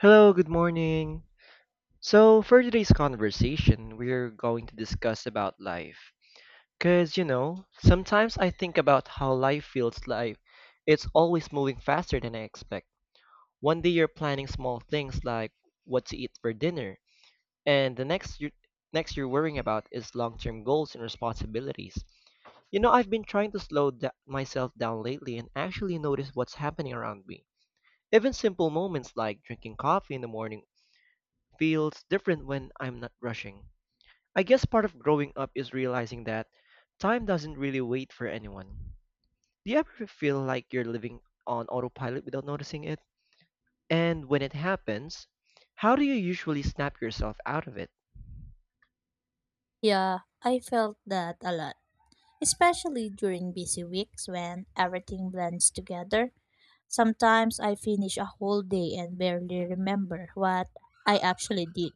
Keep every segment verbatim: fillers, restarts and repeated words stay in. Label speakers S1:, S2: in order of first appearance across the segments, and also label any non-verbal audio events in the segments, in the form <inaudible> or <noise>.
S1: Hello, good morning. So, for today's conversation, we're going to discuss about life. Cuz you know, sometimes I think about how life feels like it's always moving faster than I expect. One day you're planning small things like what to eat for dinner, and the next you next you're worrying about is long-term goals and responsibilities. You know, I've been trying to slow da- myself down lately and actually notice what's happening around me. Even simple moments like drinking coffee in the morning feels different when I'm not rushing. I guess part of growing up is realizing that time doesn't really wait for anyone. Do you ever feel like you're living on autopilot without noticing it? And when it happens, how do you usually snap yourself out of it?
S2: Yeah, I felt that a lot, especially during busy weeks when everything blends together. Sometimes I finish a whole day and barely remember what I actually did,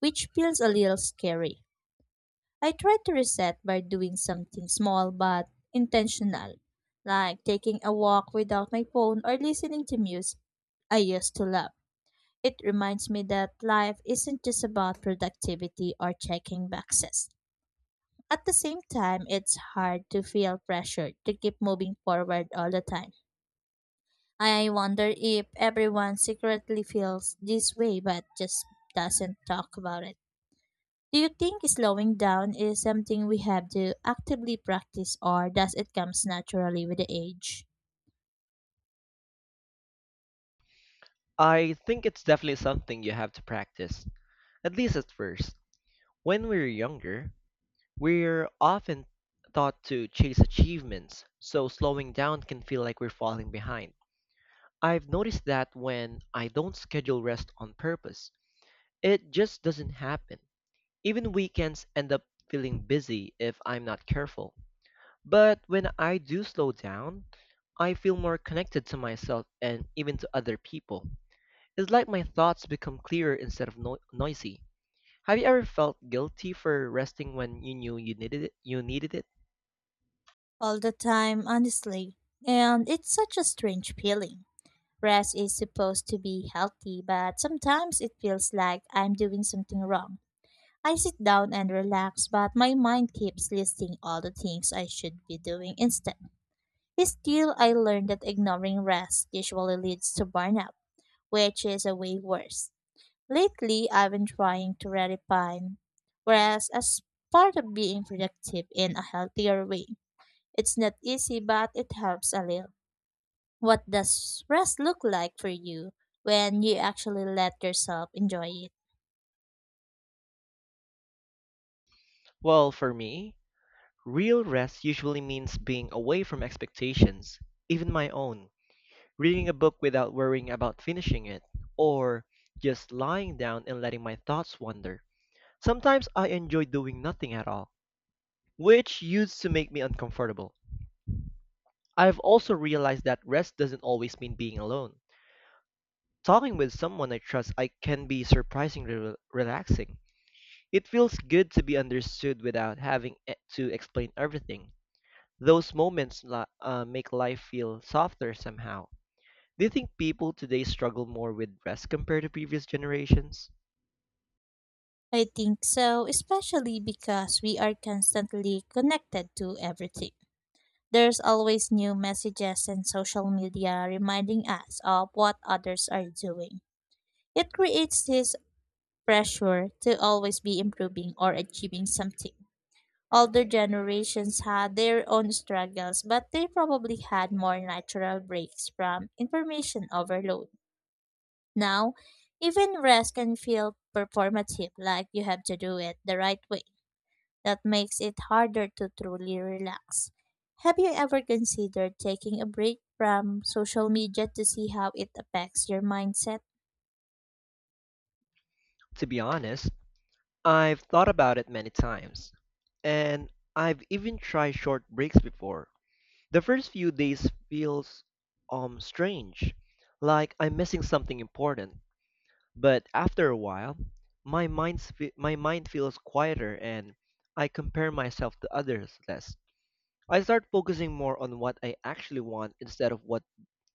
S2: which feels a little scary. I try to reset by doing something small but intentional, like taking a walk without my phone or listening to music I used to love. It reminds me that life isn't just about productivity or checking boxes. At the same time, it's hard to feel pressure to keep moving forward all the time. I wonder if everyone secretly feels this way but just doesn't talk about it. Do you think slowing down is something we have to actively practice or does it comes naturally with the age?
S1: I think it's definitely something you have to practice, at least at first. When we're younger, we're often taught to chase achievements, so slowing down can feel like we're falling behind. I've noticed that when I don't schedule rest on purpose, it just doesn't happen. Even weekends end up feeling busy if I'm not careful. But when I do slow down, I feel more connected to myself and even to other people. It's like my thoughts become clearer instead of no- noisy. Have you ever felt guilty for resting when you knew you needed it? You needed it?
S2: All the time, honestly. And it's such a strange feeling. Rest is supposed to be healthy, but sometimes it feels like I'm doing something wrong. I sit down and relax, but my mind keeps listing all the things I should be doing instead. Still, I learned that ignoring rest usually leads to burnout, which is a way worse. Lately, I've been trying to redefine rest as part of being productive in a healthier way. It's not easy, but it helps a little. What does rest look like for you when you actually let yourself enjoy it?
S1: Well, for me, real rest usually means being away from expectations, even my own. Reading a book without worrying about finishing it, or just lying down and letting my thoughts wander. Sometimes I enjoy doing nothing at all, which used to make me uncomfortable. I've also realized that rest doesn't always mean being alone. Talking with someone I trust I can be surprisingly re- relaxing. It feels good to be understood without having e- to explain everything. Those moments li- uh, make life feel softer somehow. Do you think people today struggle more with rest compared to previous generations?
S2: I think so, especially because we are constantly connected to everything. There's always new messages and social media reminding us of what others are doing. It creates this pressure to always be improving or achieving something. Older generations had their own struggles, but they probably had more natural breaks from information overload. Now, even rest can feel performative, like you have to do it the right way. That makes it harder to truly relax. Have you ever considered taking a break from social media to see how it affects your mindset?
S1: To be honest, I've thought about it many times, and I've even tried short breaks before. The first few days feels um strange, like I'm missing something important. But after a while, my mind my mind feels quieter and I compare myself to others less. I start focusing more on what I actually want instead of what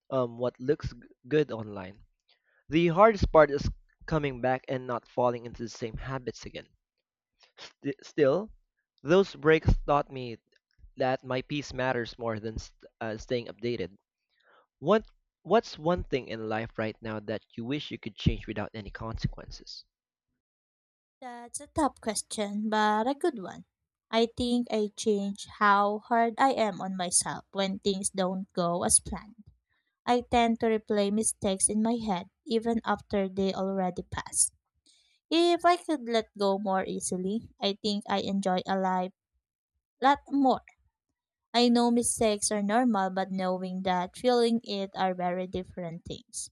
S1: um what looks g- good online. The hardest part is coming back and not falling into the same habits again. St- still, those breaks taught me that my peace matters more than st- uh, staying updated. What What's one thing in life right now that you wish you could change without any consequences?
S2: That's a tough question, but a good one. I think I change how hard I am on myself when things don't go as planned. I tend to replay mistakes in my head even after they already passed. If I could let go more easily, I think I enjoy a life lot more. I know mistakes are normal, but knowing that feeling it are very different things.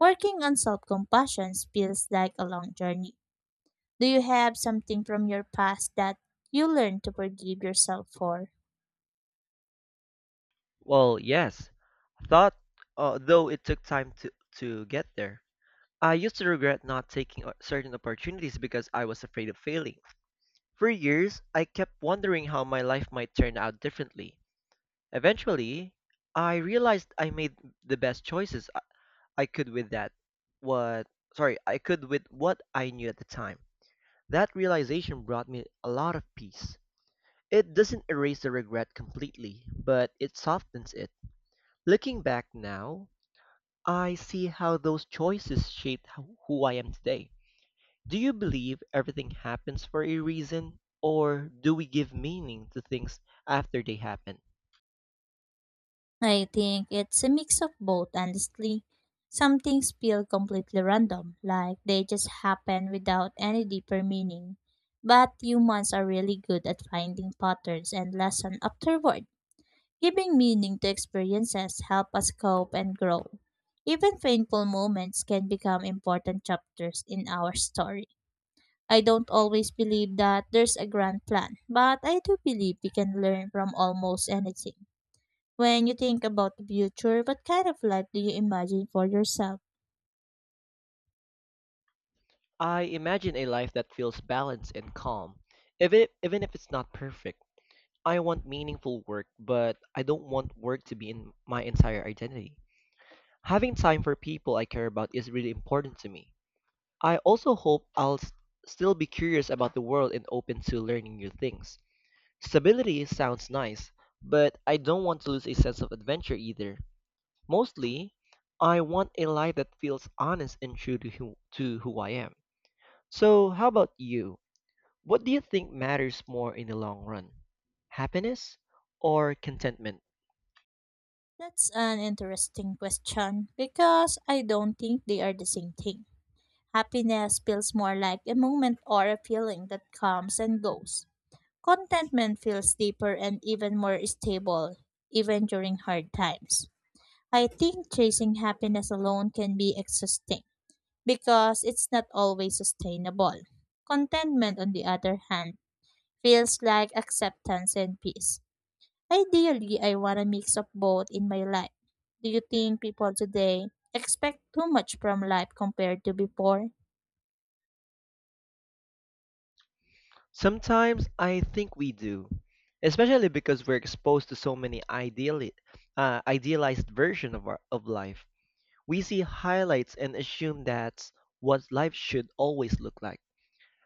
S2: Working on self compassion feels like a long journey. Do you have something from your past that you learned to forgive yourself for?
S1: Well, yes, thought uh, though it took time to to get there. I used to regret not taking o- certain opportunities because I was afraid of failing. For years, I kept wondering how my life might turn out differently. Eventually, I realized I made the best choices I I could with that what sorry, I could with what I knew at the time. That realization brought me a lot of peace. It doesn't erase the regret completely, but it softens it. Looking back now, I see how those choices shaped h- who I am today. Do you believe everything happens for a reason, or do we give meaning to things after they happen?
S2: I think it's a mix of both, honestly. Some things feel completely random, like they just happen without any deeper meaning. But humans are really good at finding patterns and lessons afterward. Giving meaning to experiences help us cope and grow. Even painful moments can become important chapters in our story. I don't always believe that there's a grand plan, but I do believe we can learn from almost anything. When you think about the future, what kind of life do you imagine for yourself?
S1: I imagine a life that feels balanced and calm, if it, even if it's not perfect. I want meaningful work, but I don't want work to be in my entire identity. Having time for people I care about is really important to me. I also hope I'll s- still be curious about the world and open to learning new things. Stability sounds nice, but I don't want to lose a sense of adventure either. Mostly, I want a life that feels honest and true to who, to who I am. So, how about you? What do you think matters more in the long run? Happiness or contentment?
S2: That's an interesting question because I don't think they are the same thing. Happiness feels more like a moment or a feeling that comes and goes. Contentment feels deeper and even more stable, even during hard times. I think chasing happiness alone can be exhausting because it's not always sustainable. Contentment, on the other hand, feels like acceptance and peace. Ideally, I want a mix of both in my life. Do you think people today expect too much from life compared to before?
S1: Sometimes I think we do, especially because we're exposed to so many ideally, uh, idealized version of our, of life. We see highlights and assume that's what life should always look like.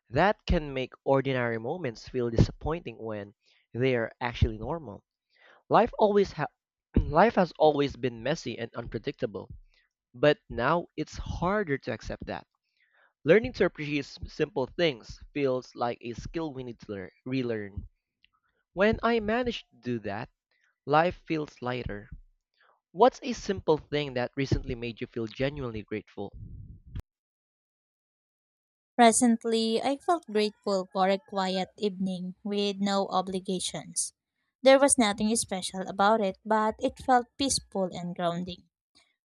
S1: That can make ordinary moments feel disappointing when they are actually normal. Life always ha- <clears throat> life has always been messy and unpredictable, but now it's harder to accept that. Learning to appreciate s- simple things feels like a skill we need to learn, relearn. When I manage to do that, life feels lighter. What's a simple thing that recently made you feel genuinely grateful?
S2: Presently, I felt grateful for a quiet evening with no obligations. There was nothing special about it, but it felt peaceful and grounding.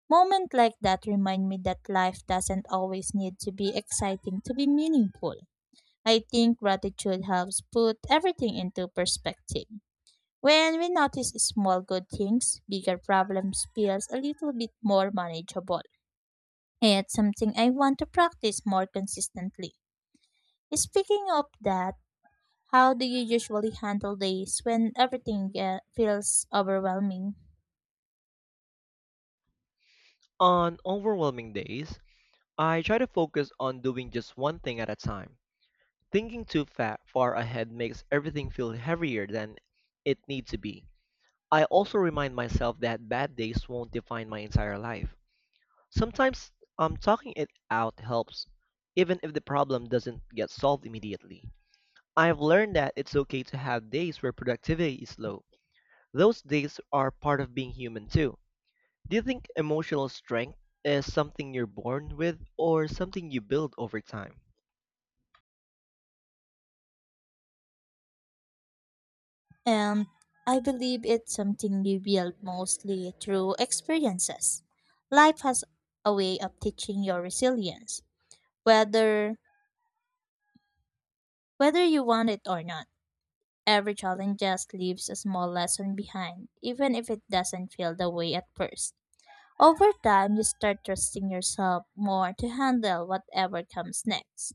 S2: Moments like that remind me that life doesn't always need to be exciting to be meaningful. I think gratitude helps put everything into perspective. When we notice small good things, bigger problems feels a little bit more manageable. It's something I want to practice more consistently. Speaking of that, how do you usually handle days when everything uh, feels overwhelming?
S1: On overwhelming days, I try to focus on doing just one thing at a time. Thinking too fa- far ahead makes everything feel heavier than it needs to be. I also remind myself that bad days won't define my entire life. Sometimes um, talking it out helps, even if the problem doesn't get solved immediately. I've learned that it's okay to have days where productivity is low. Those days are part of being human too. Do you think emotional strength is something you're born with or something you build over time?
S2: And I believe it's something you build mostly through experiences. Life has a way of teaching your resilience, whether whether you want it or not. Every challenge just leaves a small lesson behind, even if it doesn't feel the way at first. Over time, you start trusting yourself more to handle whatever comes next.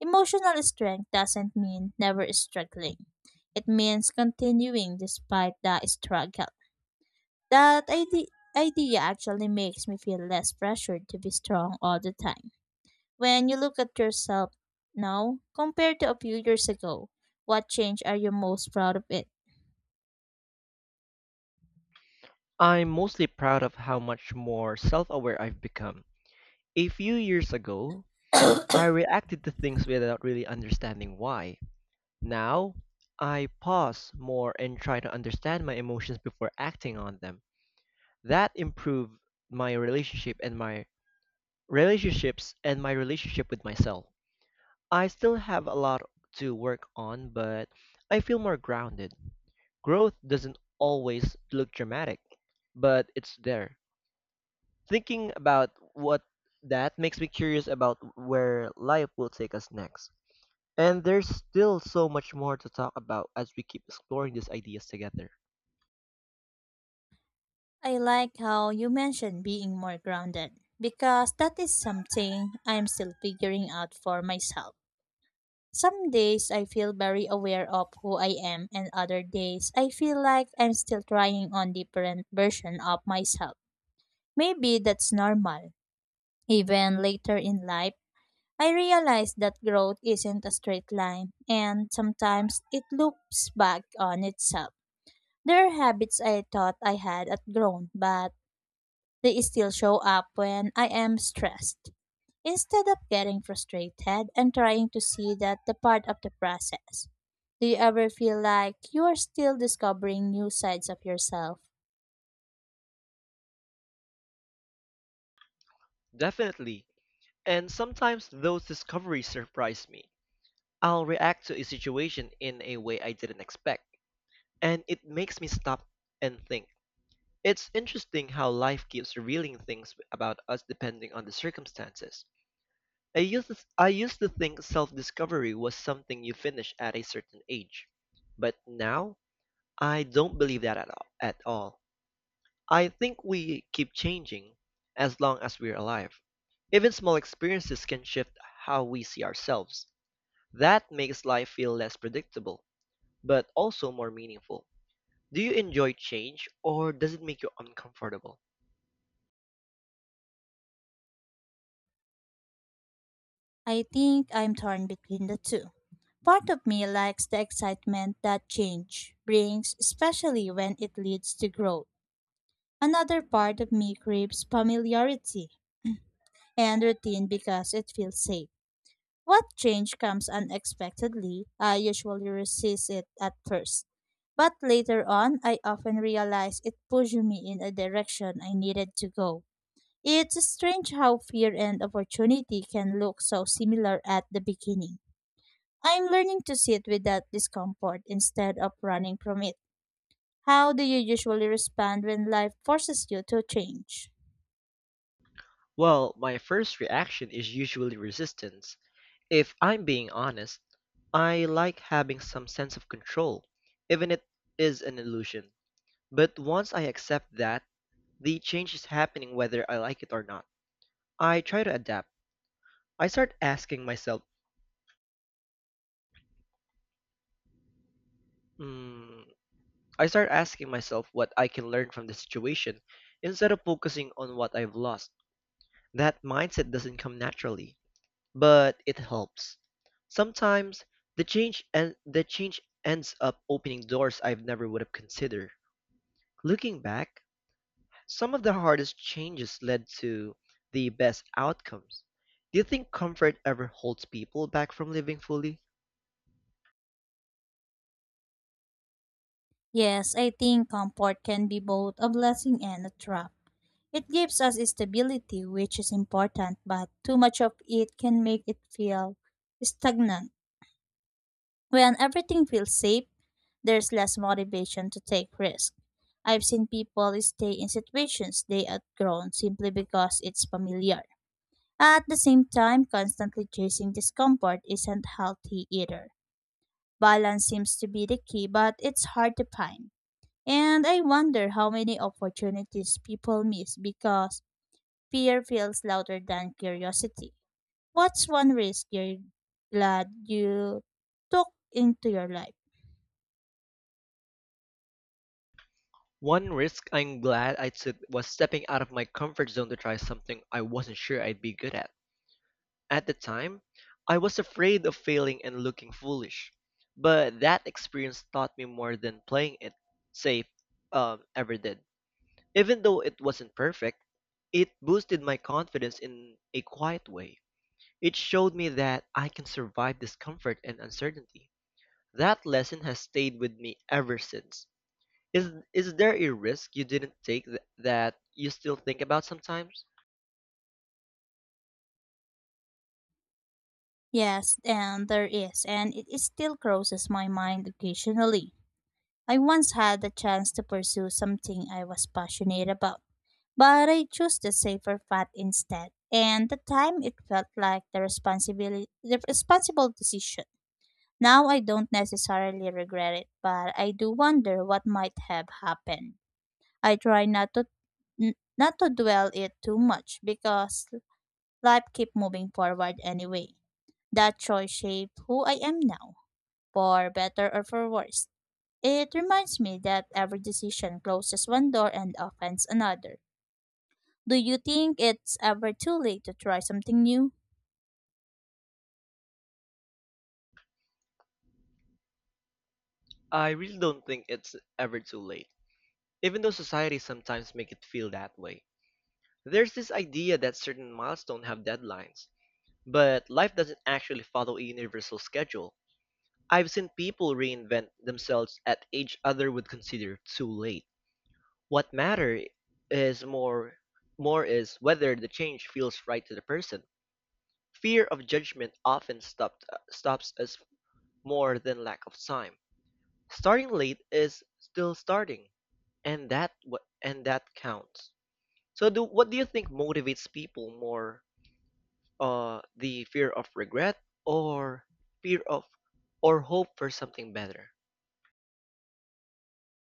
S2: Emotional strength doesn't mean never struggling. It means continuing despite the struggle. That ide- idea actually makes me feel less pressured to be strong all the time. When you look at yourself now compared to a few years ago, what change are you most proud of it?
S1: I'm mostly proud of how much more self aware I've become. A few years ago, I reacted to things without really understanding why. Now, I pause more and try to understand my emotions before acting on them. That improved my relationship and my relationships and my relationship with myself. I still have a lot to work on, but I feel more grounded. Growth doesn't always look dramatic, but it's there. Thinking about what that makes me curious about where life will take us next. And there's still so much more to talk about as we keep exploring these ideas together.
S2: I like how you mentioned being more grounded because that is something I'm still figuring out for myself. Some days I feel very aware of who I am, and other days I feel like I'm still trying on different version of myself. Maybe that's normal. Even later in life, I realize that growth isn't a straight line, and sometimes it loops back on itself. There are habits I thought I had outgrown, but they still show up when I am stressed. Instead of getting frustrated, I'm trying to see that the part of the process. Do you ever feel like you are still discovering new sides of yourself?
S1: Definitely. And sometimes those discoveries surprise me. I'll react to a situation in a way I didn't expect and it makes me stop and think. It's interesting how life keeps revealing things about us depending on the circumstances. I used to, I used to think self-discovery was something you finish at a certain age, but now I don't believe that at all. At all. I think we keep changing as long as we're alive. Even small experiences can shift how we see ourselves. That makes life feel less predictable, but also more meaningful. Do you enjoy change or does it make you uncomfortable?
S2: I think I'm torn between the two. Part of me likes the excitement that change brings, especially when it leads to growth. Another part of me craves familiarity and routine because it feels safe. What change comes unexpectedly, I usually resist it at first. But later on, I often realize it pushed me in a direction I needed to go. It's strange how fear and opportunity can look so similar at the beginning. I'm learning to sit with that discomfort instead of running from it. How do you usually respond when life forces you to change?
S1: Well, my first reaction is usually resistance. If I'm being honest, I like having some sense of control, even if it is an illusion. But once I accept that, the change is happening whether I like it or not. I try to adapt. I start asking myself, hmm, I start asking myself what I can learn from the situation instead of focusing on what I've lost. That mindset doesn't come naturally but it helps. Sometimes the change and the change ends up opening doors I've never would have considered. Looking back, some of the hardest changes led to the best outcomes. Do you think comfort ever holds people back from living fully?
S2: Yes, I think comfort can be both a blessing and a trap. It gives us stability, which is important, but too much of it can make it feel stagnant. When everything feels safe, there's less motivation to take risks. I've seen people stay in situations they outgrown simply because it's familiar. At the same time, constantly chasing discomfort isn't healthy either. Balance seems to be the key, but it's hard to find. And I wonder how many opportunities people miss because fear feels louder than curiosity. What's one risk you're glad you took into your life?
S1: One risk I'm glad I took was stepping out of my comfort zone to try something I wasn't sure I'd be good at. At the time, I was afraid of failing and looking foolish, but that experience taught me more than playing it safe um, ever did. Even though it wasn't perfect, it boosted my confidence in a quiet way. It showed me that I can survive discomfort and uncertainty. That lesson has stayed with me ever since. Is is there a risk you didn't take th- that you still think about sometimes?
S2: Yes, and there is, and it, it still crosses my mind occasionally. I once had the chance to pursue something I was passionate about, but I chose the safer path instead. And the time it felt like the responsibility, the responsible decision. Now I don't necessarily regret it, but I do wonder what might have happened. I try not to n- not to dwell it too much because life keep moving forward anyway. That choice shaped who I am now, for better or for worse. It reminds me that every decision closes one door and opens another. Do you think it's ever too late to try something new?
S1: I really don't think it's ever too late. Even though society sometimes make it feel that way. There's this idea that certain milestones have deadlines, but life doesn't actually follow a universal schedule. I've seen people reinvent themselves at age other would consider too late. What matter is more more is whether the change feels right to the person. Fear of judgment often stopped, stops us more than lack of time. Starting late is still starting, and that what and that counts. So do what do you think motivates people more? Uh, the fear of regret or fear of or hope for something better?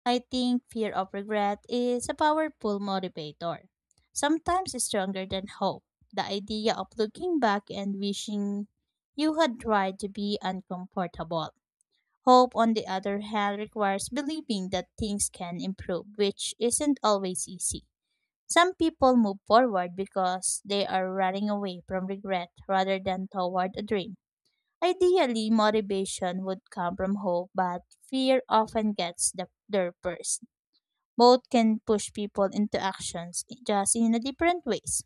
S2: I think fear of regret is a powerful motivator, sometimes stronger than hope. The idea of looking back and wishing you had tried to be uncomfortable. Hope, on the other hand, requires believing that things can improve, which isn't always easy. Some people move forward because they are running away from regret rather than toward a dream. Ideally, motivation would come from hope, but fear often gets the, there first. Both can push people into actions, just in a different ways.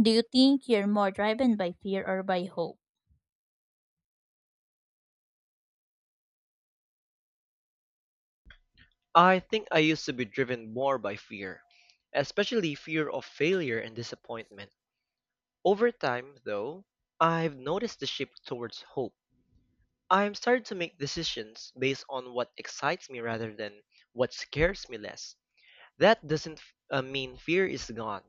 S2: Do you think you're more driven by fear or by hope?
S1: I think I used to be driven more by fear, especially fear of failure and disappointment. Over time, though, I've noticed the shift towards hope. I'm starting to make decisions based on what excites me rather than what scares me less. That doesn't uh, mean fear is gone,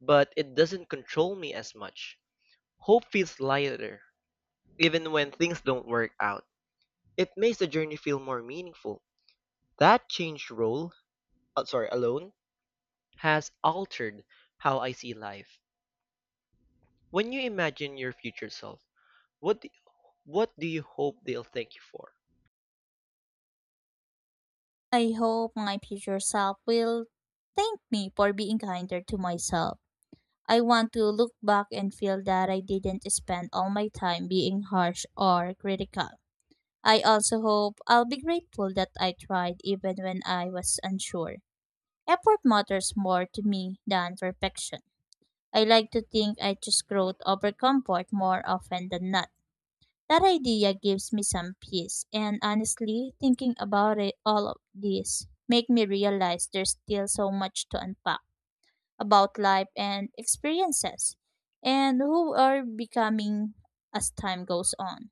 S1: but it doesn't control me as much. Hope feels lighter, even when things don't work out. It makes the journey feel more meaningful. That changed role, uh, sorry, Alone, has altered how I see life. When you imagine your future self, what do, what do you hope they'll thank you for?
S2: I hope my future self will thank me for being kinder to myself. I want to look back and feel that I didn't spend all my time being harsh or critical. I also hope I'll be grateful that I tried even when I was unsure. Effort matters more to me than perfection. I like to think I choose growth over comfort more often than not. That idea gives me some peace, and honestly, thinking about it, all of this make me realize there's still so much to unpack about life and experiences, and who are becoming as time goes on.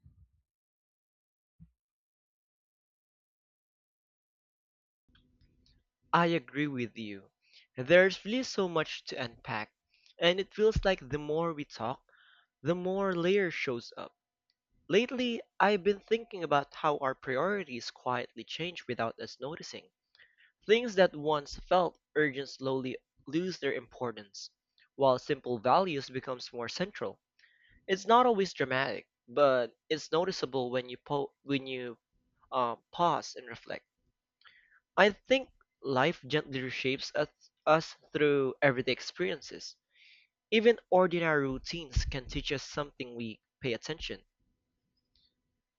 S1: I agree with you. There's really so much to unpack, and it feels like the more we talk, the more layer shows up. Lately, I've been thinking about how our priorities quietly change without us noticing. Things that once felt urgent slowly lose their importance, while simple values becomes more central. It's not always dramatic, but it's noticeable when you po- when you um, pause and reflect. I think life gently reshapes us, us through everyday experiences. Even ordinary routines can teach us something we pay attention.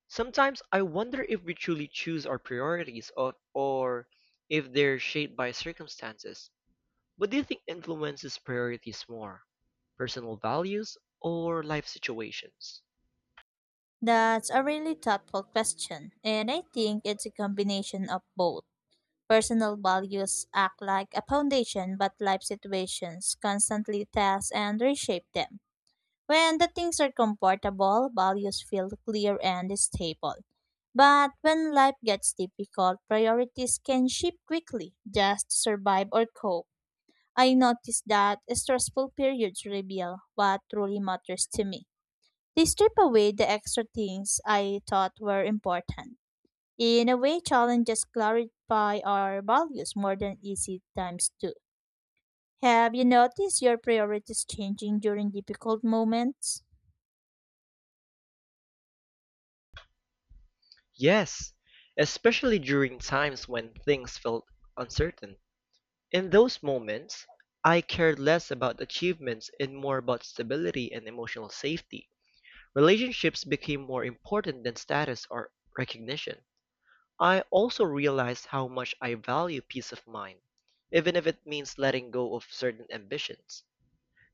S1: Sometimes I wonder if we truly choose our priorities or, or if they're shaped by circumstances. What do you think influences priorities more? Personal values or life situations?
S2: That's a really thoughtful question, and I think it's a combination of both. Personal values act like a foundation, but life situations constantly test and reshape them. When the things are comfortable, values feel clear and stable. But when life gets difficult, priorities can shift quickly just to survive or cope. I noticed that stressful periods reveal what truly matters to me. They strip away the extra things I thought were important. In a way, challenges clarify our values more than easy times do. Have you noticed your priorities changing during difficult moments?
S1: Yes, especially during times when things felt uncertain. In those moments, I cared less about achievements and more about stability and emotional safety. Relationships became more important than status or recognition. I also realized how much I value peace of mind, even if it means letting go of certain ambitions.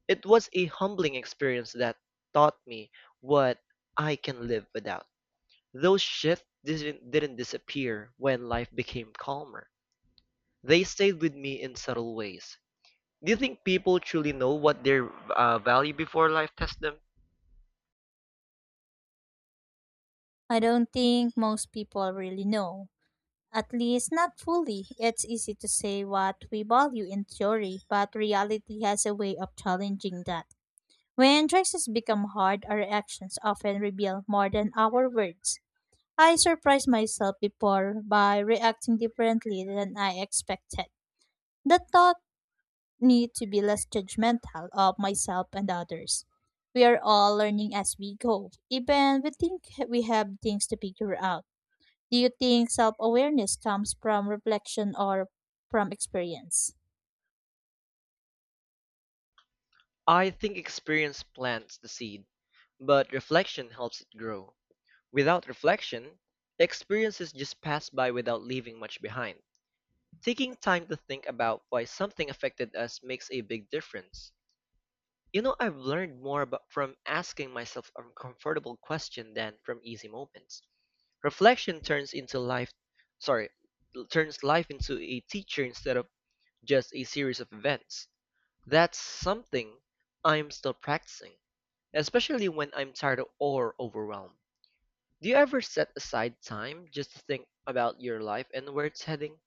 S1: It was a humbling experience that taught me what I can live without. Those shifts didn't, didn't disappear when life became calmer. They stayed with me in subtle ways. Do you think people truly know what their uh, value before life tests them?
S2: I don't think most people really know. At least not fully. It's easy to say what we value in theory, but reality has a way of challenging that. When choices become hard, our actions often reveal more than our words. I surprised myself before by reacting differently than I expected. The thought need to be less judgmental of myself and others. We are all learning as we go, even we think we have things to figure out. Do you think self awareness comes from reflection or from experience?
S1: I think experience plants the seed, but reflection helps it grow. Without reflection, experiences just pass by without leaving much behind. Taking time to think about why something affected us makes a big difference. You know, I've learned more about from asking myself uncomfortable questions than from easy moments. Reflection turns into life, sorry, Turns life into a teacher instead of just a series of events. That's something I'm still practicing, especially when I'm tired or overwhelmed. Do you ever set aside time just to think about your life and where it's heading?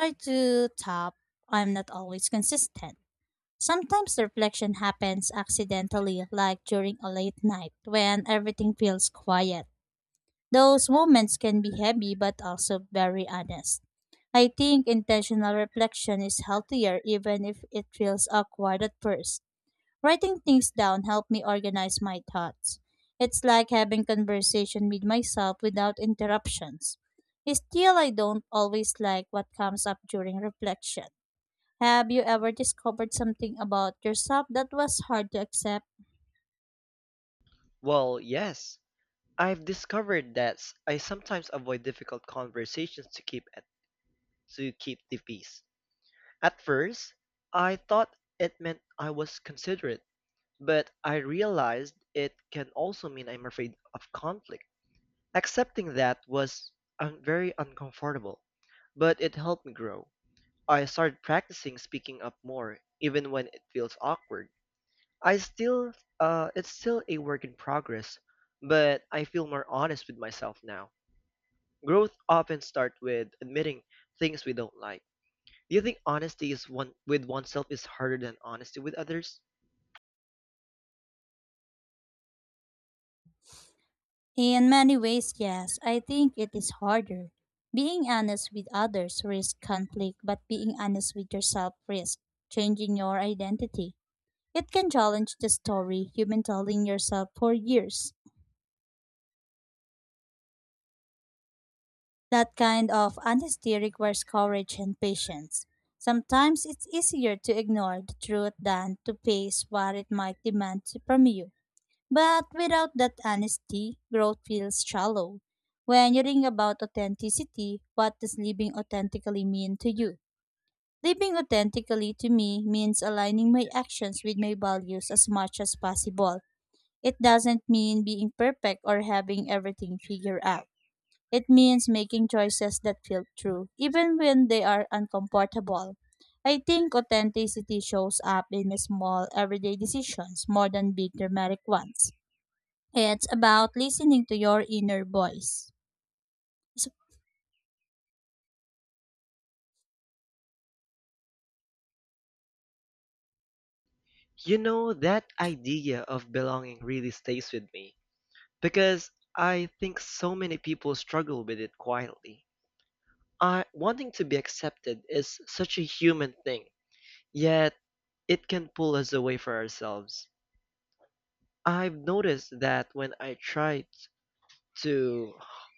S2: I do top, I'm not always consistent. Sometimes the reflection happens accidentally, like during a late night when everything feels quiet. Those moments can be heavy but also very honest. I think intentional reflection is healthier even if it feels awkward at first. Writing things down helped me organize my thoughts. It's like having conversation with myself without interruptions. Still, I don't always like what comes up during reflection. Have you ever discovered something about yourself that was hard to accept?
S1: Well, yes. I've discovered that s- I sometimes avoid difficult conversations to keep at, to keep the peace. At first, I thought it meant I was considerate, but I realized it can also mean I'm afraid of conflict. Accepting that was um, very uncomfortable, but it helped me grow. I started practicing speaking up more, even when it feels awkward. I still, uh, it's still a work in progress, but I feel more honest with myself now. Growth often starts with admitting things we don't like. Do you think honesty is one with oneself is harder than honesty with others?
S2: In many ways, yes, I think it is harder. Being honest with others risks conflict, but being honest with yourself risks changing your identity. It can challenge the story you've been telling yourself for years. That kind of honesty requires courage and patience. Sometimes it's easier to ignore the truth than to face what it might demand from you. But without that honesty, growth feels shallow. When you think about authenticity, what does living authentically mean to you? Living authentically to me means aligning my actions with my values as much as possible. It doesn't mean being perfect or having everything figured out. It means making choices that feel true, even when they are uncomfortable. I think authenticity shows up in small, everyday decisions more than big, dramatic ones. It's about listening to your inner voice. So,
S1: You know, that idea of belonging really stays with me because I think so many people struggle with it quietly. I, wanting to be accepted is such a human thing, yet it can pull us away from ourselves. I've noticed that when I tried to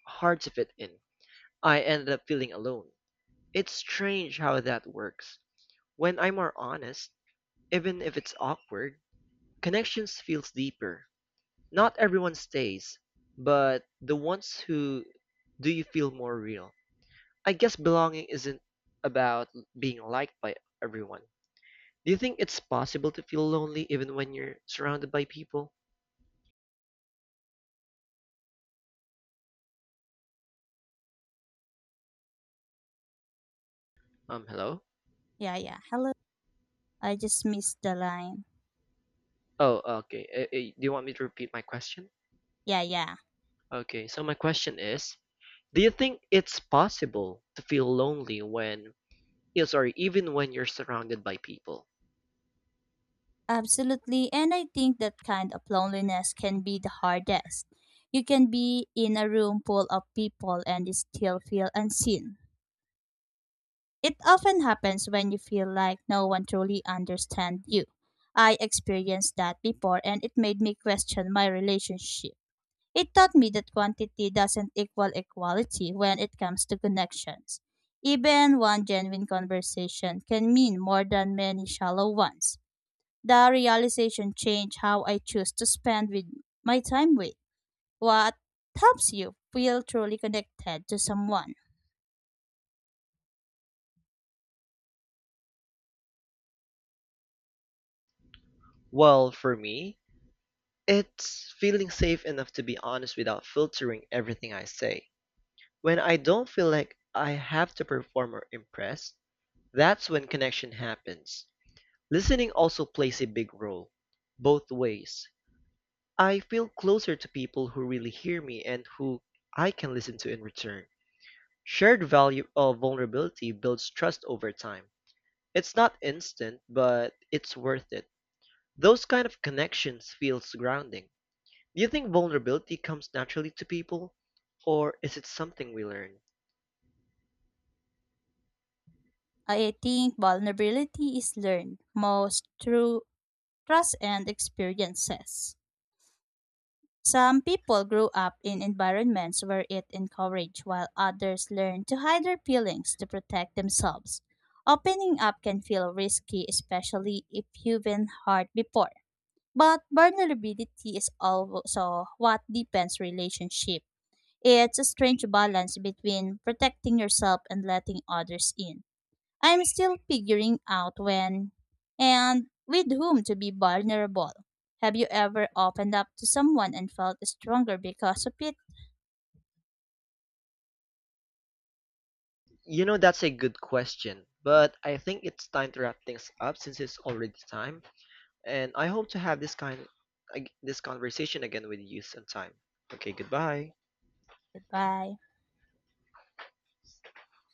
S1: hard to fit in, I ended up feeling alone. It's strange how that works. When I'm more honest, even if it's awkward, connections feels deeper. Not everyone stays, but the ones who do you feel more real. I guess belonging isn't about being liked by everyone. Do you think it's possible to feel lonely even when you're surrounded by people? Um, hello?
S2: yeah, yeah. Hello. I just missed the line.
S1: Oh, okay. Eh, eh, do you want me to repeat my question?
S2: Yeah, yeah.
S1: Okay, so my question is, do you think it's possible to feel lonely when, yeah, sorry, even when you're surrounded by people?
S2: Absolutely. And I think that kind of loneliness can be the hardest. You can be in a room full of people and still feel unseen. It often happens when you feel like no one truly understands you. I experienced that before and it made me question my relationship. It taught me that quantity doesn't equal equality when it comes to connections. Even one genuine conversation can mean more than many shallow ones. The realization changed how I choose to spend with my time with what helps you feel truly connected to someone.
S1: Well, for me, it's feeling safe enough to be honest without filtering everything I say. When I don't feel like I have to perform or impress, that's when connection happens. Listening also plays a big role, both ways. I feel closer to people who really hear me and who I can listen to in return. Shared value of vulnerability builds trust over time. It's not instant, but it's worth it. Those kind of connections feels grounding. Do you think vulnerability comes naturally to people, or is it something we learn?
S2: I think vulnerability is learned most through trust and experiences. Some people grow up in environments where it encouraged, while others learn to hide their feelings to protect themselves. Opening up can feel risky, especially if you've been hurt before. But vulnerability is also what deepens relationship. It's a strange balance between protecting yourself and letting others in. I'm still figuring out when and with whom to be vulnerable. Have you ever opened up to someone and felt stronger because of it?
S1: You know, that's a good question, but I think it's time to wrap things up since it's already time, and I hope to have this kind ag- this conversation again with you sometime. Okay, goodbye.
S2: Goodbye.